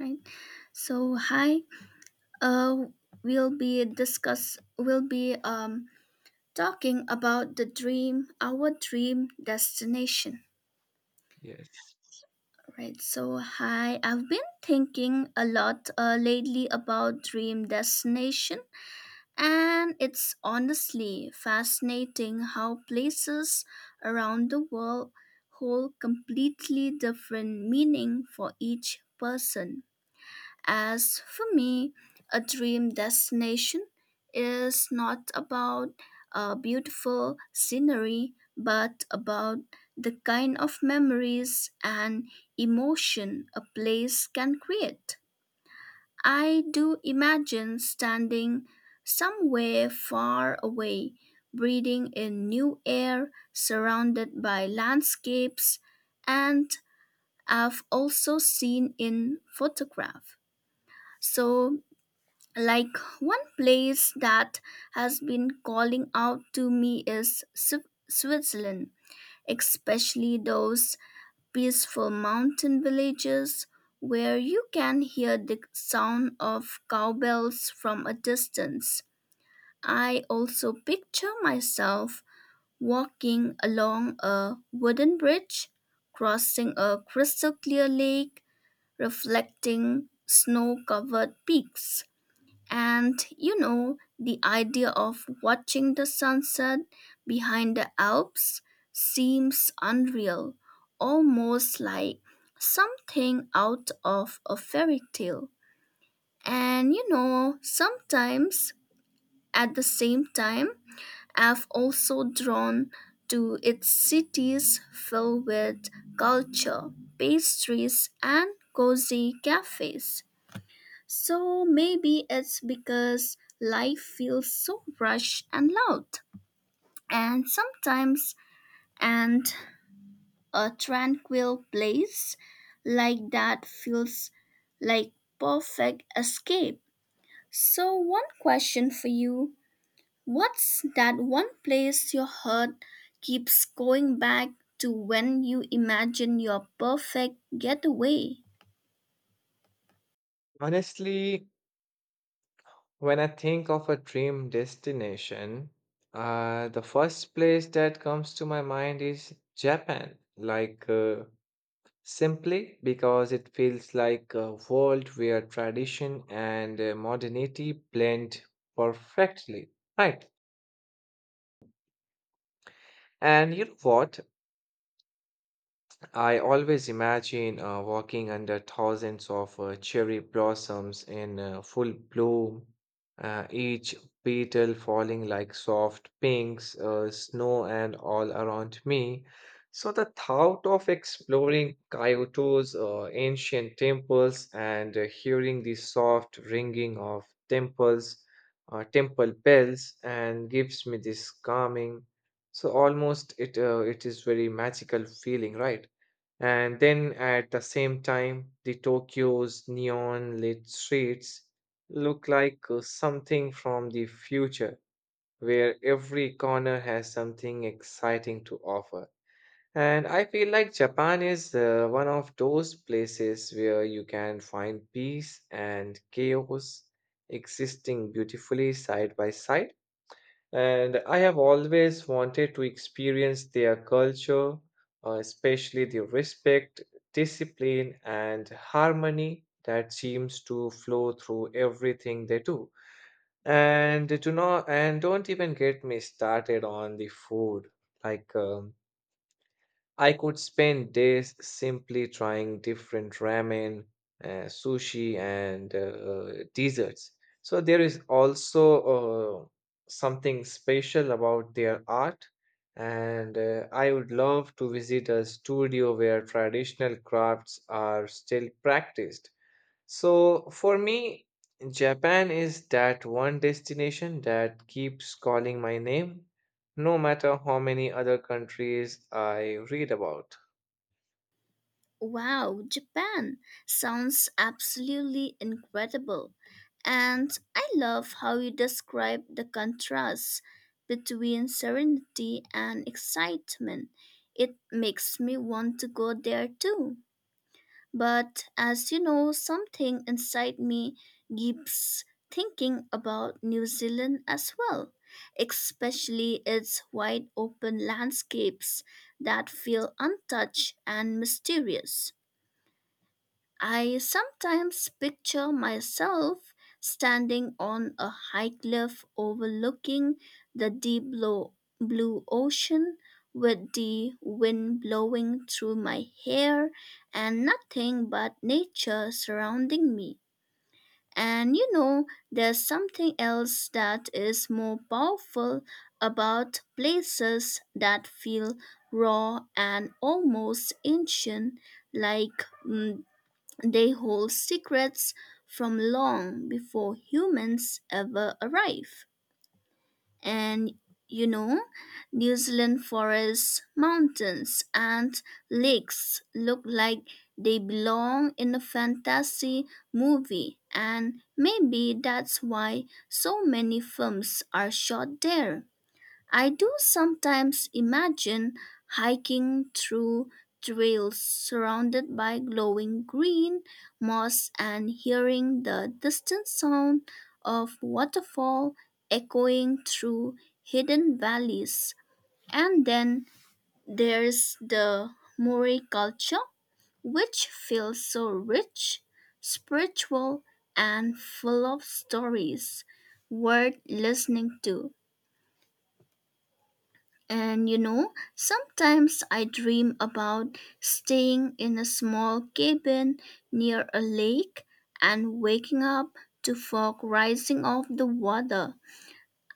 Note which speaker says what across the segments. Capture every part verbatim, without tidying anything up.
Speaker 1: Right. So hi. Uh, we'll be discuss. We'll be um talking about the dream, our dream destination.
Speaker 2: Yes.
Speaker 1: Right. So hi. I've been thinking a lot uh, lately about dream destination, and it's honestly fascinating how places around the world hold completely different meaning for each person. As for me, a dream destination is not about a beautiful scenery, but about the kind of memories and emotion a place can create. I do imagine standing somewhere far away, breathing in new air, surrounded by landscapes, and I've also seen in photograph. So like one place that has been calling out to me is Swi- Switzerland, especially those peaceful mountain villages where you can hear the sound of cowbells from a distance. I also picture myself walking along a wooden bridge, crossing a crystal clear lake, reflecting snow covered peaks. And you know, the idea of watching the sunset behind the Alps seems unreal, almost like something out of a fairy tale. And you know, sometimes at the same time, I've also drawn to its cities filled with culture, pastries, and cozy cafes. So maybe it's because life feels so rushed and loud. And sometimes, and a tranquil place like that feels like perfect escape. So one question for you, what's that one place your heart keeps going back to when you imagine your perfect getaway?
Speaker 2: Honestly, when I think of a dream destination, uh, the first place that comes to my mind is Japan. Like, uh, simply because it feels like a world where tradition and uh, modernity blend perfectly. Right. And you know what? I always imagine uh, walking under thousands of uh, cherry blossoms in uh, full bloom, uh, each petal falling like soft pinks, uh, snow and all around me. So the thought of exploring Kyoto's uh, ancient temples and uh, hearing the soft ringing of temples, uh, temple bells, and gives me this calming. So almost it uh, it is very magical feeling, right? And then at the same time, the Tokyo's neon lit streets look like uh, something from the future, where every corner has something exciting to offer. And I feel like Japan is uh, one of those places where you can find peace and chaos existing beautifully side by side. And I have always wanted to experience their culture, uh, especially the respect, discipline, and harmony that seems to flow through everything they do. And do not and don't even get me started on the food. Like um, I could spend days simply trying different ramen, uh, sushi, and uh, desserts. So there is also uh, something special about their art, and uh, I would love to visit a studio where traditional crafts are still practiced. So for me, Japan is that one destination that keeps calling my name, no matter how many other countries I read about.
Speaker 1: Wow, Japan sounds absolutely incredible. And I love how you describe the contrast between serenity and excitement. It makes me want to go there too. But as you know, something inside me keeps thinking about New Zealand as well, especially its wide open landscapes that feel untouched and mysterious. I sometimes picture myself standing on a high cliff overlooking the deep blue, blue ocean with the wind blowing through my hair and nothing but nature surrounding me. And you know, there's something else that is more powerful about places that feel raw and almost ancient, like mm, they hold secrets from long before humans ever arrive. And you know, New Zealand forests, mountains, and lakes look like they belong in a fantasy movie, and maybe that's why so many films are shot there. I do sometimes imagine hiking through trails surrounded by glowing green moss and hearing the distant sound of waterfall echoing through hidden valleys. And then there's the Maori culture, which feels so rich, spiritual, and full of stories worth listening to. And you know, sometimes I dream about staying in a small cabin near a lake and waking up to fog rising off the water.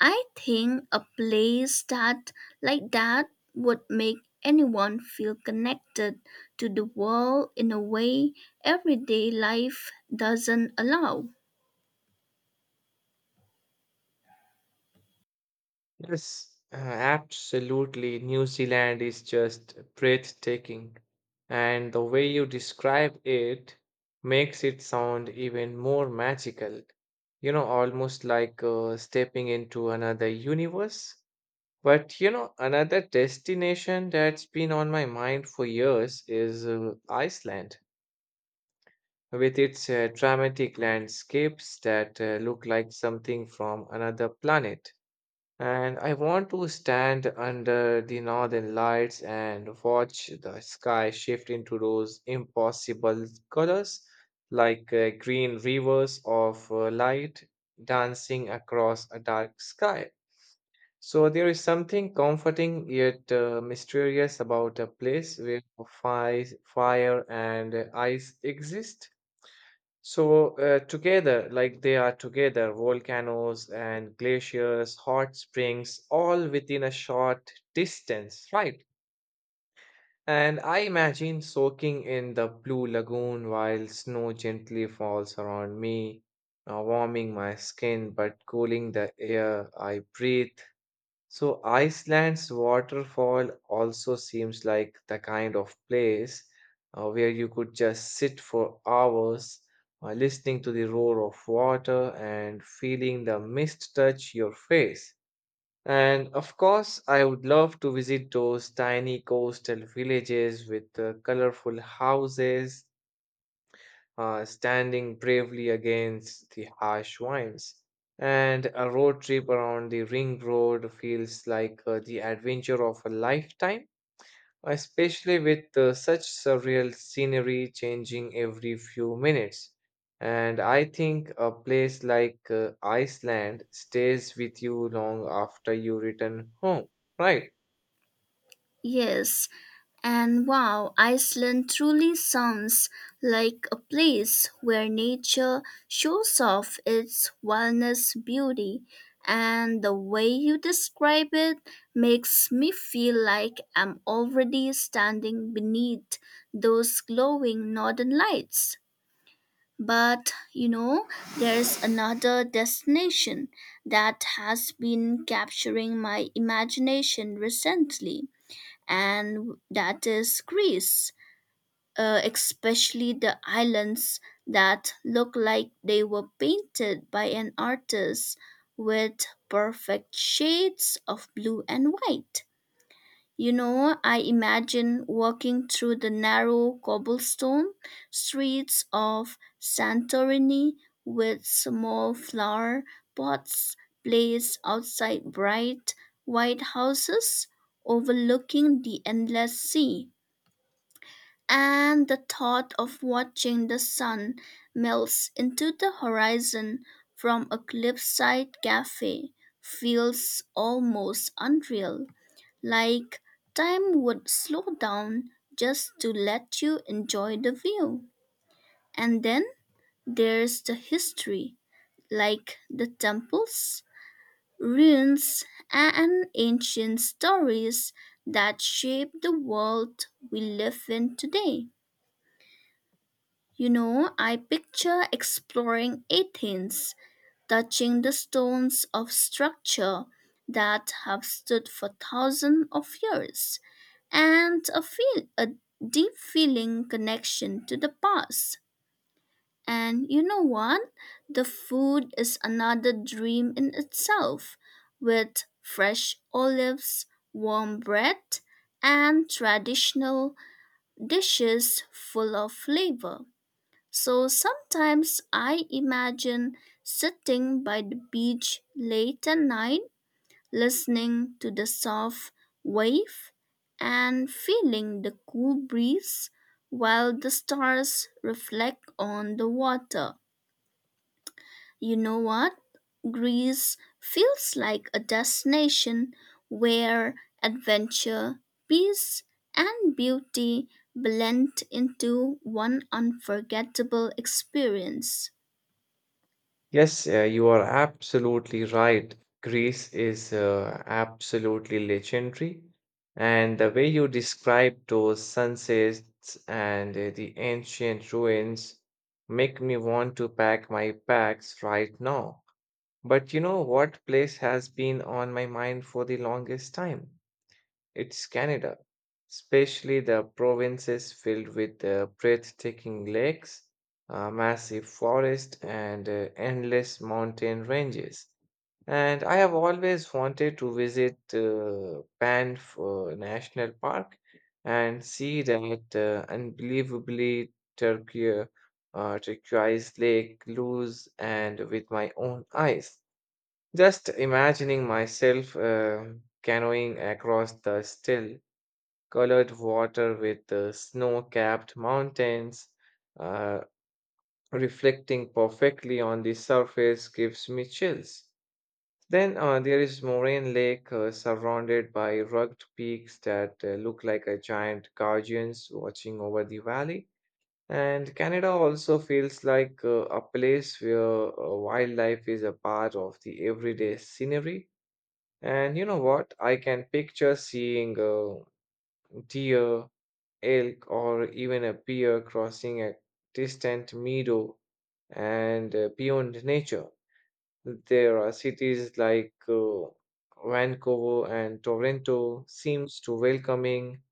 Speaker 1: I think a place that like that would make anyone feel connected to the world in a way everyday life doesn't allow.
Speaker 2: Yes, uh, absolutely. New Zealand is just breathtaking, and the way you describe it makes it sound even more magical. You know, almost like uh, stepping into another universe. But you know, another destination that's been on my mind for years is uh, Iceland, with its uh, dramatic landscapes that uh, look like something from another planet. And I want to stand under the northern lights and watch the sky shift into those impossible colors, like uh, green rivers of uh, light dancing across a dark sky. So there is something comforting yet uh, mysterious about a place where fire, fire and uh, ice exist. So uh, together, like they are together, volcanoes and glaciers, hot springs, all within a short distance, right? And I imagine soaking in the blue lagoon while snow gently falls around me, uh, warming my skin but cooling the air I breathe. So Iceland's waterfall also seems like the kind of place uh, where you could just sit for hours, uh, listening to the roar of water and feeling the mist touch your face. And of course, I would love to visit those tiny coastal villages with uh, colorful houses uh, standing bravely against the harsh winds. And a road trip around the ring road feels like uh, the adventure of a lifetime, especially with uh, such surreal scenery changing every few minutes. And I think a place like uh, Iceland stays with you long after you return home, right?
Speaker 1: Yes, and wow, Iceland truly sounds like a place where nature shows off its wildness beauty, and the way you describe it makes me feel like I'm already standing beneath those glowing northern lights. But you know, there's another destination that has been capturing my imagination recently and that is Greece, uh, especially the islands that look like they were painted by an artist with perfect shades of blue and white. You know, I imagine walking through the narrow cobblestone streets of Santorini with small flower pots placed outside bright white houses overlooking the endless sea. And the thought of watching the sun melts into the horizon from a cliffside cafe feels almost unreal, like time would slow down just to let you enjoy the view. And then there's the history, like the temples, ruins, and ancient stories that shape the world we live in today. You know, I picture exploring Athens touching the stones of structure that have stood for thousands of years, and a, feel, a deep feeling connection to the past. And you know what? The food is another dream in itself, with fresh olives, warm bread, and traditional dishes full of flavor. So sometimes I imagine sitting by the beach late at night, listening to the soft wave and feeling the cool breeze while the stars reflect on the water. You know what? Greece feels like a destination where adventure, peace, and beauty blend into one unforgettable experience.
Speaker 2: Yes, uh, you are absolutely right. Greece is uh, absolutely legendary. And the way you describe those sunsets and uh, the ancient ruins make me want to pack my bags right now. But you know what place has been on my mind for the longest time? It's Canada, especially the provinces filled with uh, breathtaking lakes, uh, massive forests, and uh, endless mountain ranges. And I have always wanted to visit uh, Banff uh, National Park and see that uh, unbelievably turquoise, uh, uh, turquoise lake lose and with my own eyes. Just imagining myself uh, canoeing across the still colored water with uh, snow-capped mountains uh, reflecting perfectly on the surface gives me chills. Then uh, there is Moraine Lake uh, surrounded by rugged peaks that uh, look like a giant guardians watching over the valley. And Canada also feels like uh, a place where uh, wildlife is a part of the everyday scenery. And you know what? I can picture seeing uh, deer, elk, or even a deer crossing a distant meadow and uh, beyond nature. There are cities like uh, Vancouver and Toronto seems to welcoming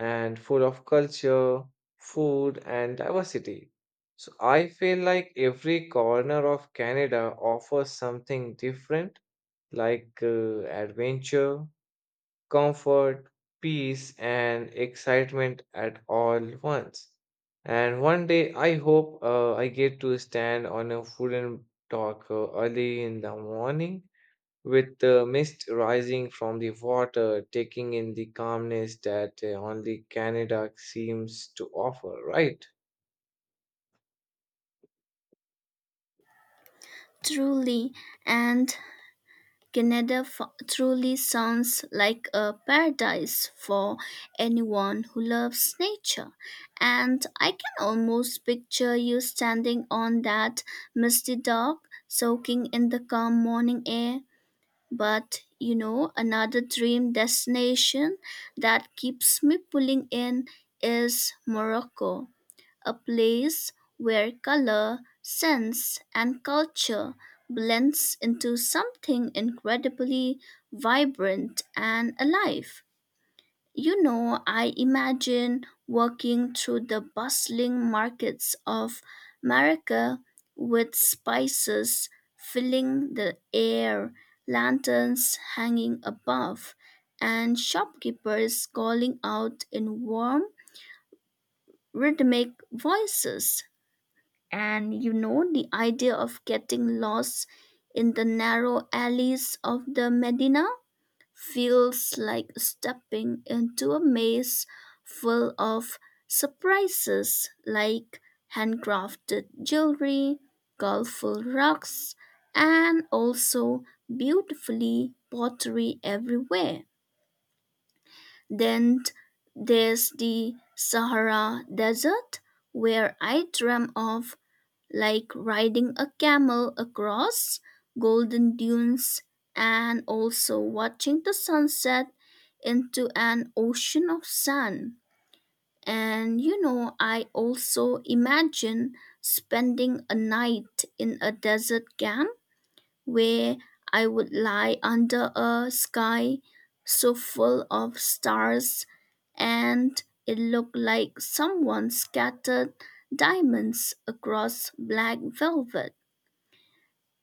Speaker 2: and full of culture, food, and diversity. So I feel like every corner of Canada offers something different, like uh, adventure, comfort, peace, and excitement at all once. And one day, I hope uh, I get to stand on a wooden dock uh, early in the morning with the mist rising from the water, taking in the calmness that uh, only Canada seems to offer, right?
Speaker 1: Truly, and Canada f- truly sounds like a paradise for anyone who loves nature. And I can almost picture you standing on that misty dock, soaking in the calm morning air. But you know, another dream destination that keeps me pulling in is Morocco, a place where color, sense, and culture blends into something incredibly vibrant and alive. You know, I imagine walking through the bustling markets of America with spices filling the air, lanterns hanging above, and shopkeepers calling out in warm, rhythmic voices. And you know, the idea of getting lost in the narrow alleys of the Medina feels like stepping into a maze full of surprises like handcrafted jewelry, colorful rugs, and also beautifully pottery everywhere. Then there's the Sahara Desert, where I dream of like riding a camel across golden dunes and also watching the sunset into an ocean of sand. And you know, I also imagine spending a night in a desert camp where I would lie under a sky so full of stars and it looked like someone scattered diamonds across black velvet.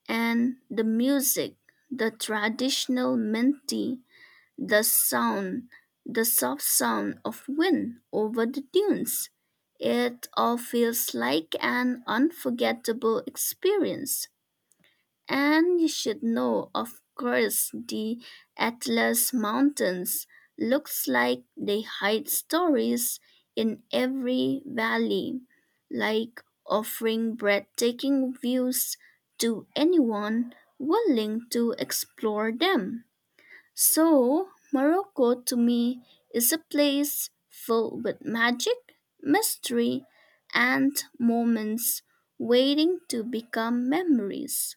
Speaker 1: And the music, the traditional minty, the sound, the soft sound of wind over the dunes. It all feels like an unforgettable experience. And you should know, of course, the Atlas Mountains looks like they hide stories in every valley, like offering breathtaking views to anyone willing to explore them. So, Morocco to me is a place filled with magic, mystery, and moments waiting to become memories.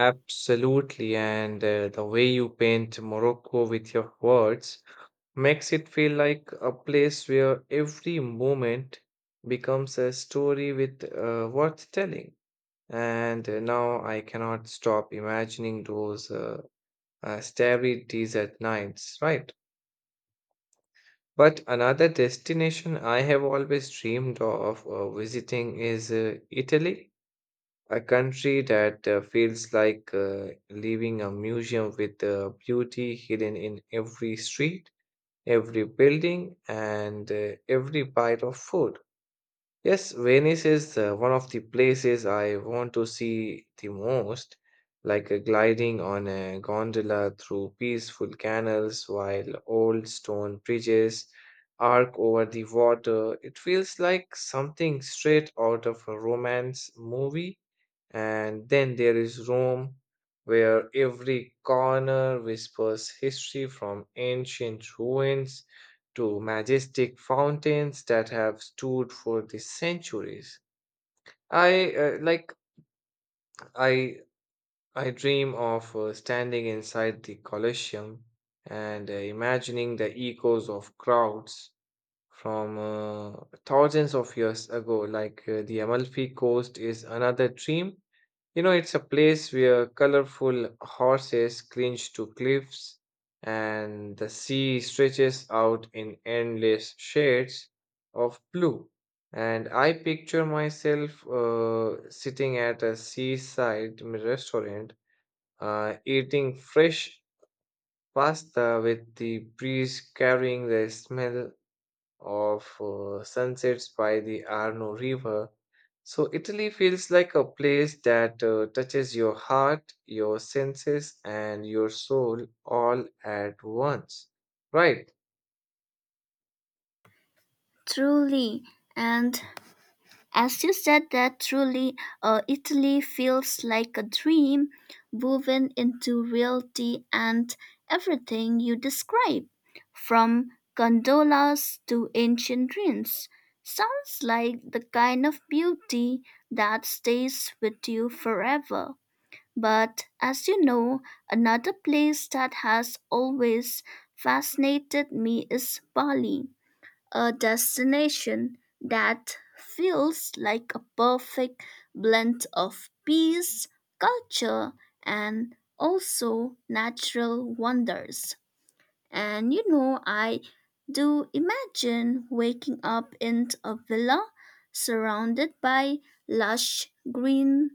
Speaker 2: Absolutely, and uh, the way you paint Morocco with your words makes it feel like a place where every moment becomes a story with uh, worth telling. And uh, now I cannot stop imagining those uh, uh, starry desert nights, right? But another destination I have always dreamed of uh, visiting is uh, Italy, a country that uh, feels like uh, leaving a museum with the beauty hidden in every street. Every building, and uh, every bite of food. Yes, Venice is uh, one of the places I want to see the most, like uh, gliding on a gondola through peaceful canals while old stone bridges arc over the water. It feels like something straight out of a romance movie, and then there is Rome, where every corner whispers history from ancient ruins to majestic fountains that have stood for the centuries. I uh, like I I dream of uh, standing inside the Colosseum and uh, imagining the echoes of crowds from uh, thousands of years ago. Like uh, the Amalfi Coast is another dream. You know, it's a place where colorful horses cringe to cliffs and the sea stretches out in endless shades of blue. And I picture myself uh, sitting at a seaside restaurant, uh, eating fresh pasta with the breeze carrying the smell of uh, sunsets by the Arno River. So Italy feels like a place that uh, touches your heart, your senses, and your soul all at once. Right.
Speaker 1: Truly, and as you said that, truly, uh, Italy feels like a dream woven into reality and everything you describe, from gondolas to ancient ruins. Sounds like the kind of beauty that stays with you forever. But as you know, another place that has always fascinated me is Bali, a destination that feels like a perfect blend of peace, culture, and also natural wonders. And you know, I do imagine waking up in a villa surrounded by lush green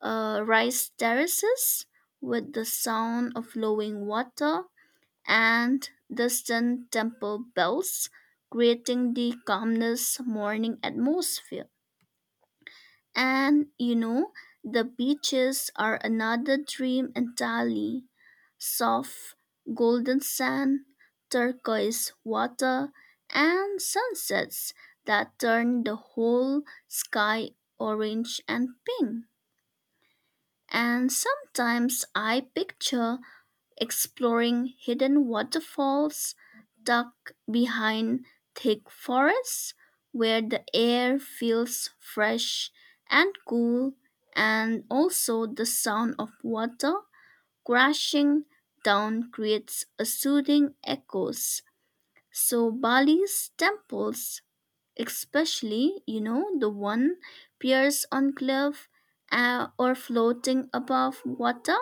Speaker 1: uh, rice terraces with the sound of flowing water and distant temple bells, creating the calmness morning atmosphere. And you know, the beaches are another dream entirely. Soft golden sand, turquoise water, and sunsets that turn the whole sky orange and pink. And sometimes I picture exploring hidden waterfalls tucked behind thick forests where the air feels fresh and cool, and also the sound of water crashing down creates a soothing echoes. So Bali's temples, especially you know the one piers on cliff uh, or floating above water,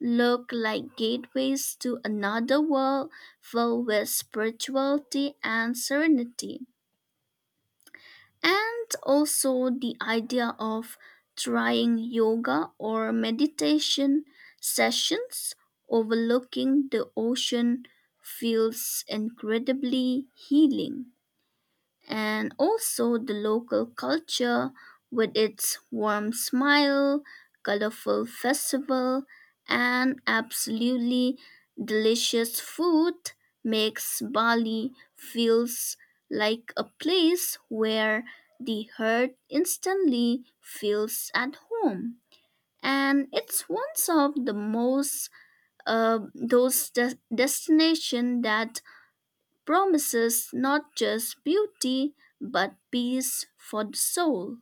Speaker 1: look like gateways to another world filled with spirituality and serenity. And also the idea of trying yoga or meditation sessions overlooking the ocean feels incredibly healing, and also the local culture with its warm smile, colorful festival, and absolutely delicious food makes Bali feels like a place where the heart instantly feels at home. And it's one of the most uh, those de- destination that promises not just beauty but peace for the soul.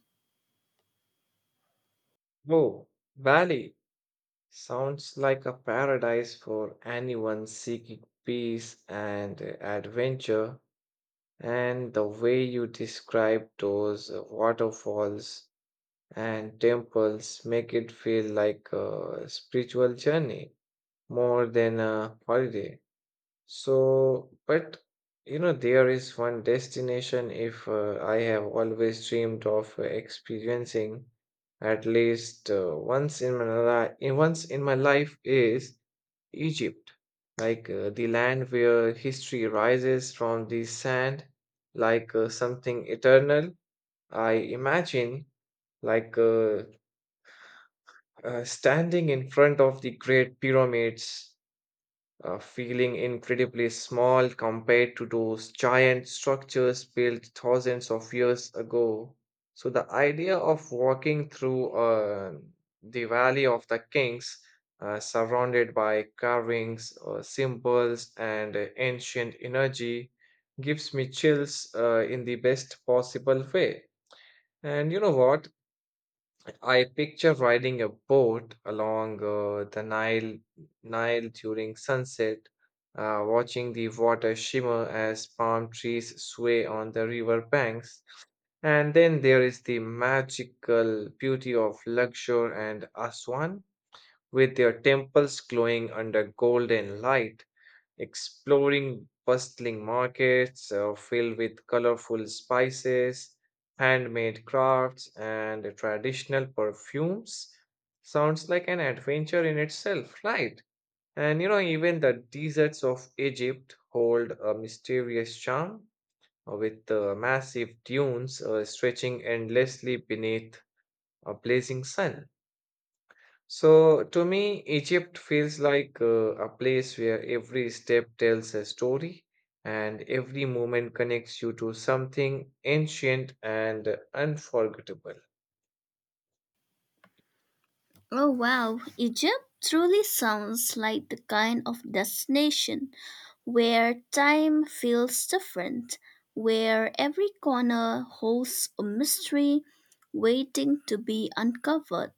Speaker 2: Oh, Bali sounds like a paradise for anyone seeking peace and uh, adventure. And the way you describe those uh, waterfalls and temples make it feel like a spiritual journey, more than a holiday. So, but you know, there is one destination if uh, I have always dreamed of uh, experiencing at least uh, once in my li- in once in my life is Egypt, like uh, the land where history rises from the sand, like uh, something eternal. I imagine like uh, uh, standing in front of the great pyramids uh, feeling incredibly small compared to those giant structures built thousands of years ago. So, the idea of walking through uh, the Valley of the Kings, uh, surrounded by carvings, uh, symbols, and uh, ancient energy, gives me chills uh, in the best possible way. And you know what? I picture riding a boat along uh, the Nile, Nile during sunset, uh, watching the water shimmer as palm trees sway on the river banks. And then there is the magical beauty of Luxor and Aswan with their temples glowing under golden light, exploring bustling markets uh, filled with colorful spices, handmade crafts, and traditional perfumes sounds like an adventure in itself, right? And you know, even the deserts of Egypt hold a mysterious charm uh, with the massive dunes uh, stretching endlessly beneath a blazing sun. So, to me, Egypt feels like uh, a place where every step tells a story and every moment connects you to something ancient and unforgettable.
Speaker 1: Oh wow, Egypt truly sounds like the kind of destination where time feels different, where every corner holds a mystery waiting to be uncovered.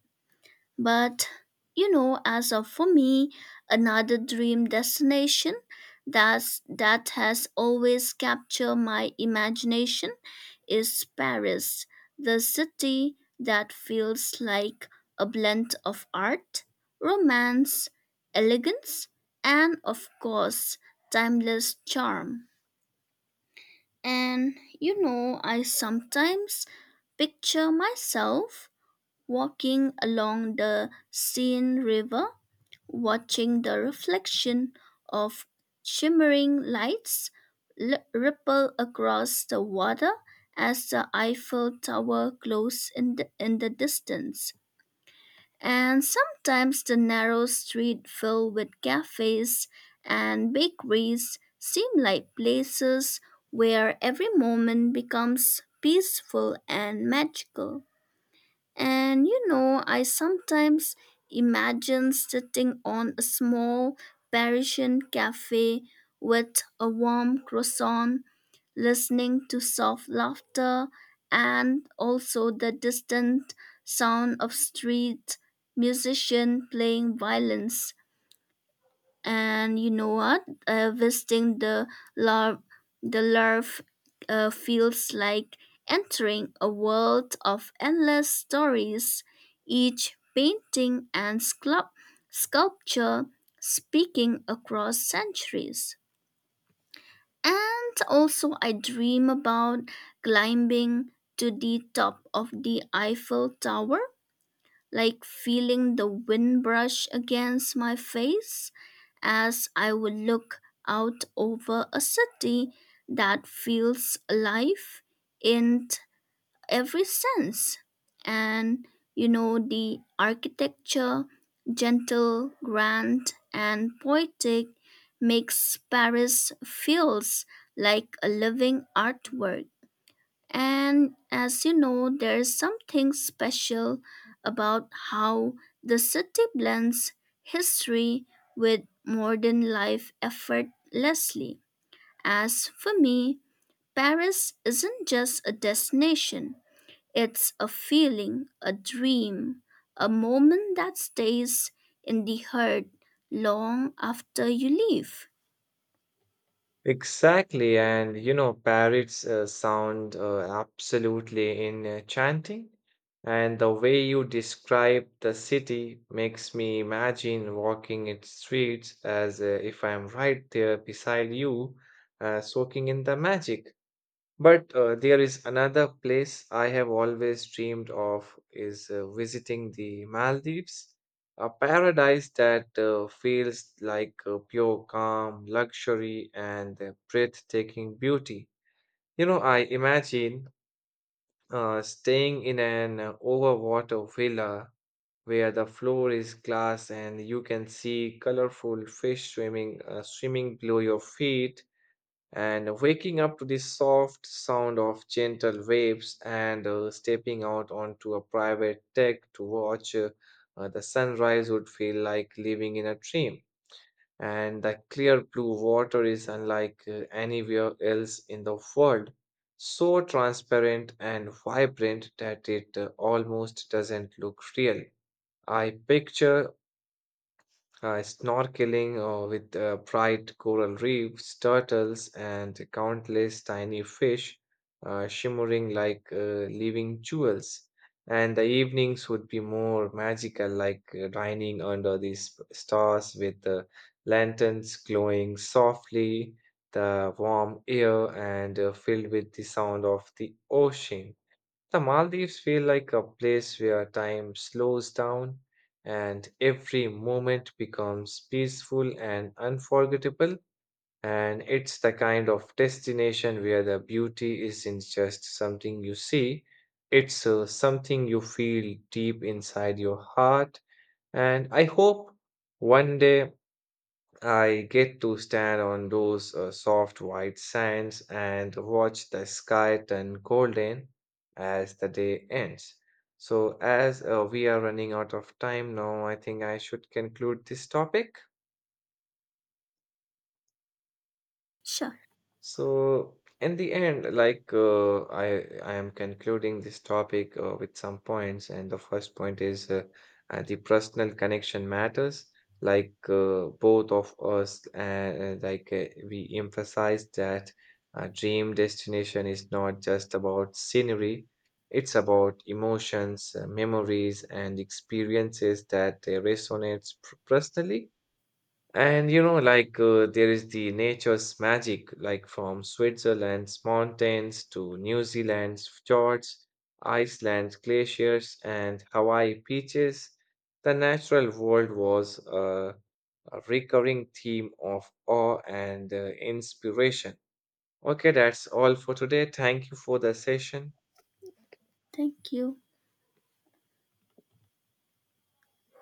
Speaker 1: But you know, as of for me, another dream destination that's, that has always captured my imagination is Paris, the city that feels like a blend of art, romance, elegance, and of course, timeless charm. And you know, I sometimes picture myself walking along the Seine River watching the reflection of shimmering lights li- ripple across the water as the Eiffel Tower glows in the, in the distance. And sometimes the narrow street filled with cafes and bakeries seem like places where every moment becomes peaceful and magical. And you know, I sometimes imagine sitting on a small Parisian cafe with a warm croissant, listening to soft laughter and also the distant sound of street musician playing violins, and you know what, uh, visiting the larv the larv uh, feels like entering a world of endless stories, each painting and sculpt- sculpture speaking across centuries. And also I dream about climbing to the top of the Eiffel Tower, like feeling the wind brush against my face as I would look out over a city that feels alive in t- every sense. And you know, the architecture, gentle, grand, and poetic, makes Paris feels like a living artwork. And as you know, there's something special about how the city blends history with modern life effortlessly. As for me, Paris isn't just a destination, it's a feeling, a dream, a moment that stays in the heart long after you leave.
Speaker 2: Exactly, and you know, parrots uh, sound uh, absolutely enchanting, and the way you describe the city makes me imagine walking its streets as uh, if I'm right there beside you, uh, soaking in the magic. But uh, there is another place I have always dreamed of is uh, visiting the Maldives, a paradise that uh, feels like uh, pure calm, luxury, and uh, breathtaking beauty. You know, I imagine uh, staying in an uh, overwater villa where the floor is glass and you can see colorful fish swimming uh, swimming below your feet, and waking up to the soft sound of gentle waves and uh, stepping out onto a private deck to watch uh, uh, the sunrise would feel like living in a dream. And the clear blue water is unlike uh, anywhere else in the world, so transparent and vibrant that it uh, almost doesn't look real. I picture uh, snorkeling uh, with uh, bright coral reefs, turtles, and countless tiny fish uh, shimmering like uh, living jewels. And the evenings would be more magical, like uh, dining under these stars with the lanterns glowing softly, the warm air, and uh, filled with the sound of the ocean. The Maldives feel like a place where time slows down and every moment becomes peaceful and unforgettable. And it's the kind of destination where the beauty isn't just something you see, it's uh, something you feel deep inside your heart. And I hope one day I get to stand on those uh, soft white sands and watch the sky turn golden as the day ends. So, as uh, we are running out of time now, I think I should conclude this topic.
Speaker 1: Sure,
Speaker 2: So in the end, like uh, I I am concluding this topic uh, with some points, and the first point is uh, uh, the personal connection matters. Like uh, both of us, uh, like uh, we emphasize that uh, dream destination is not just about scenery; it's about emotions, uh, memories, and experiences that uh, resonates pr- personally. And you know, like uh, there is the nature's magic, like from Switzerland's mountains to New Zealand's fjords, Iceland's glaciers, and Hawaii beaches. The natural world was uh, a recurring theme of awe and uh, inspiration. Okay, that's all for today. Thank you for the session.
Speaker 1: thank you.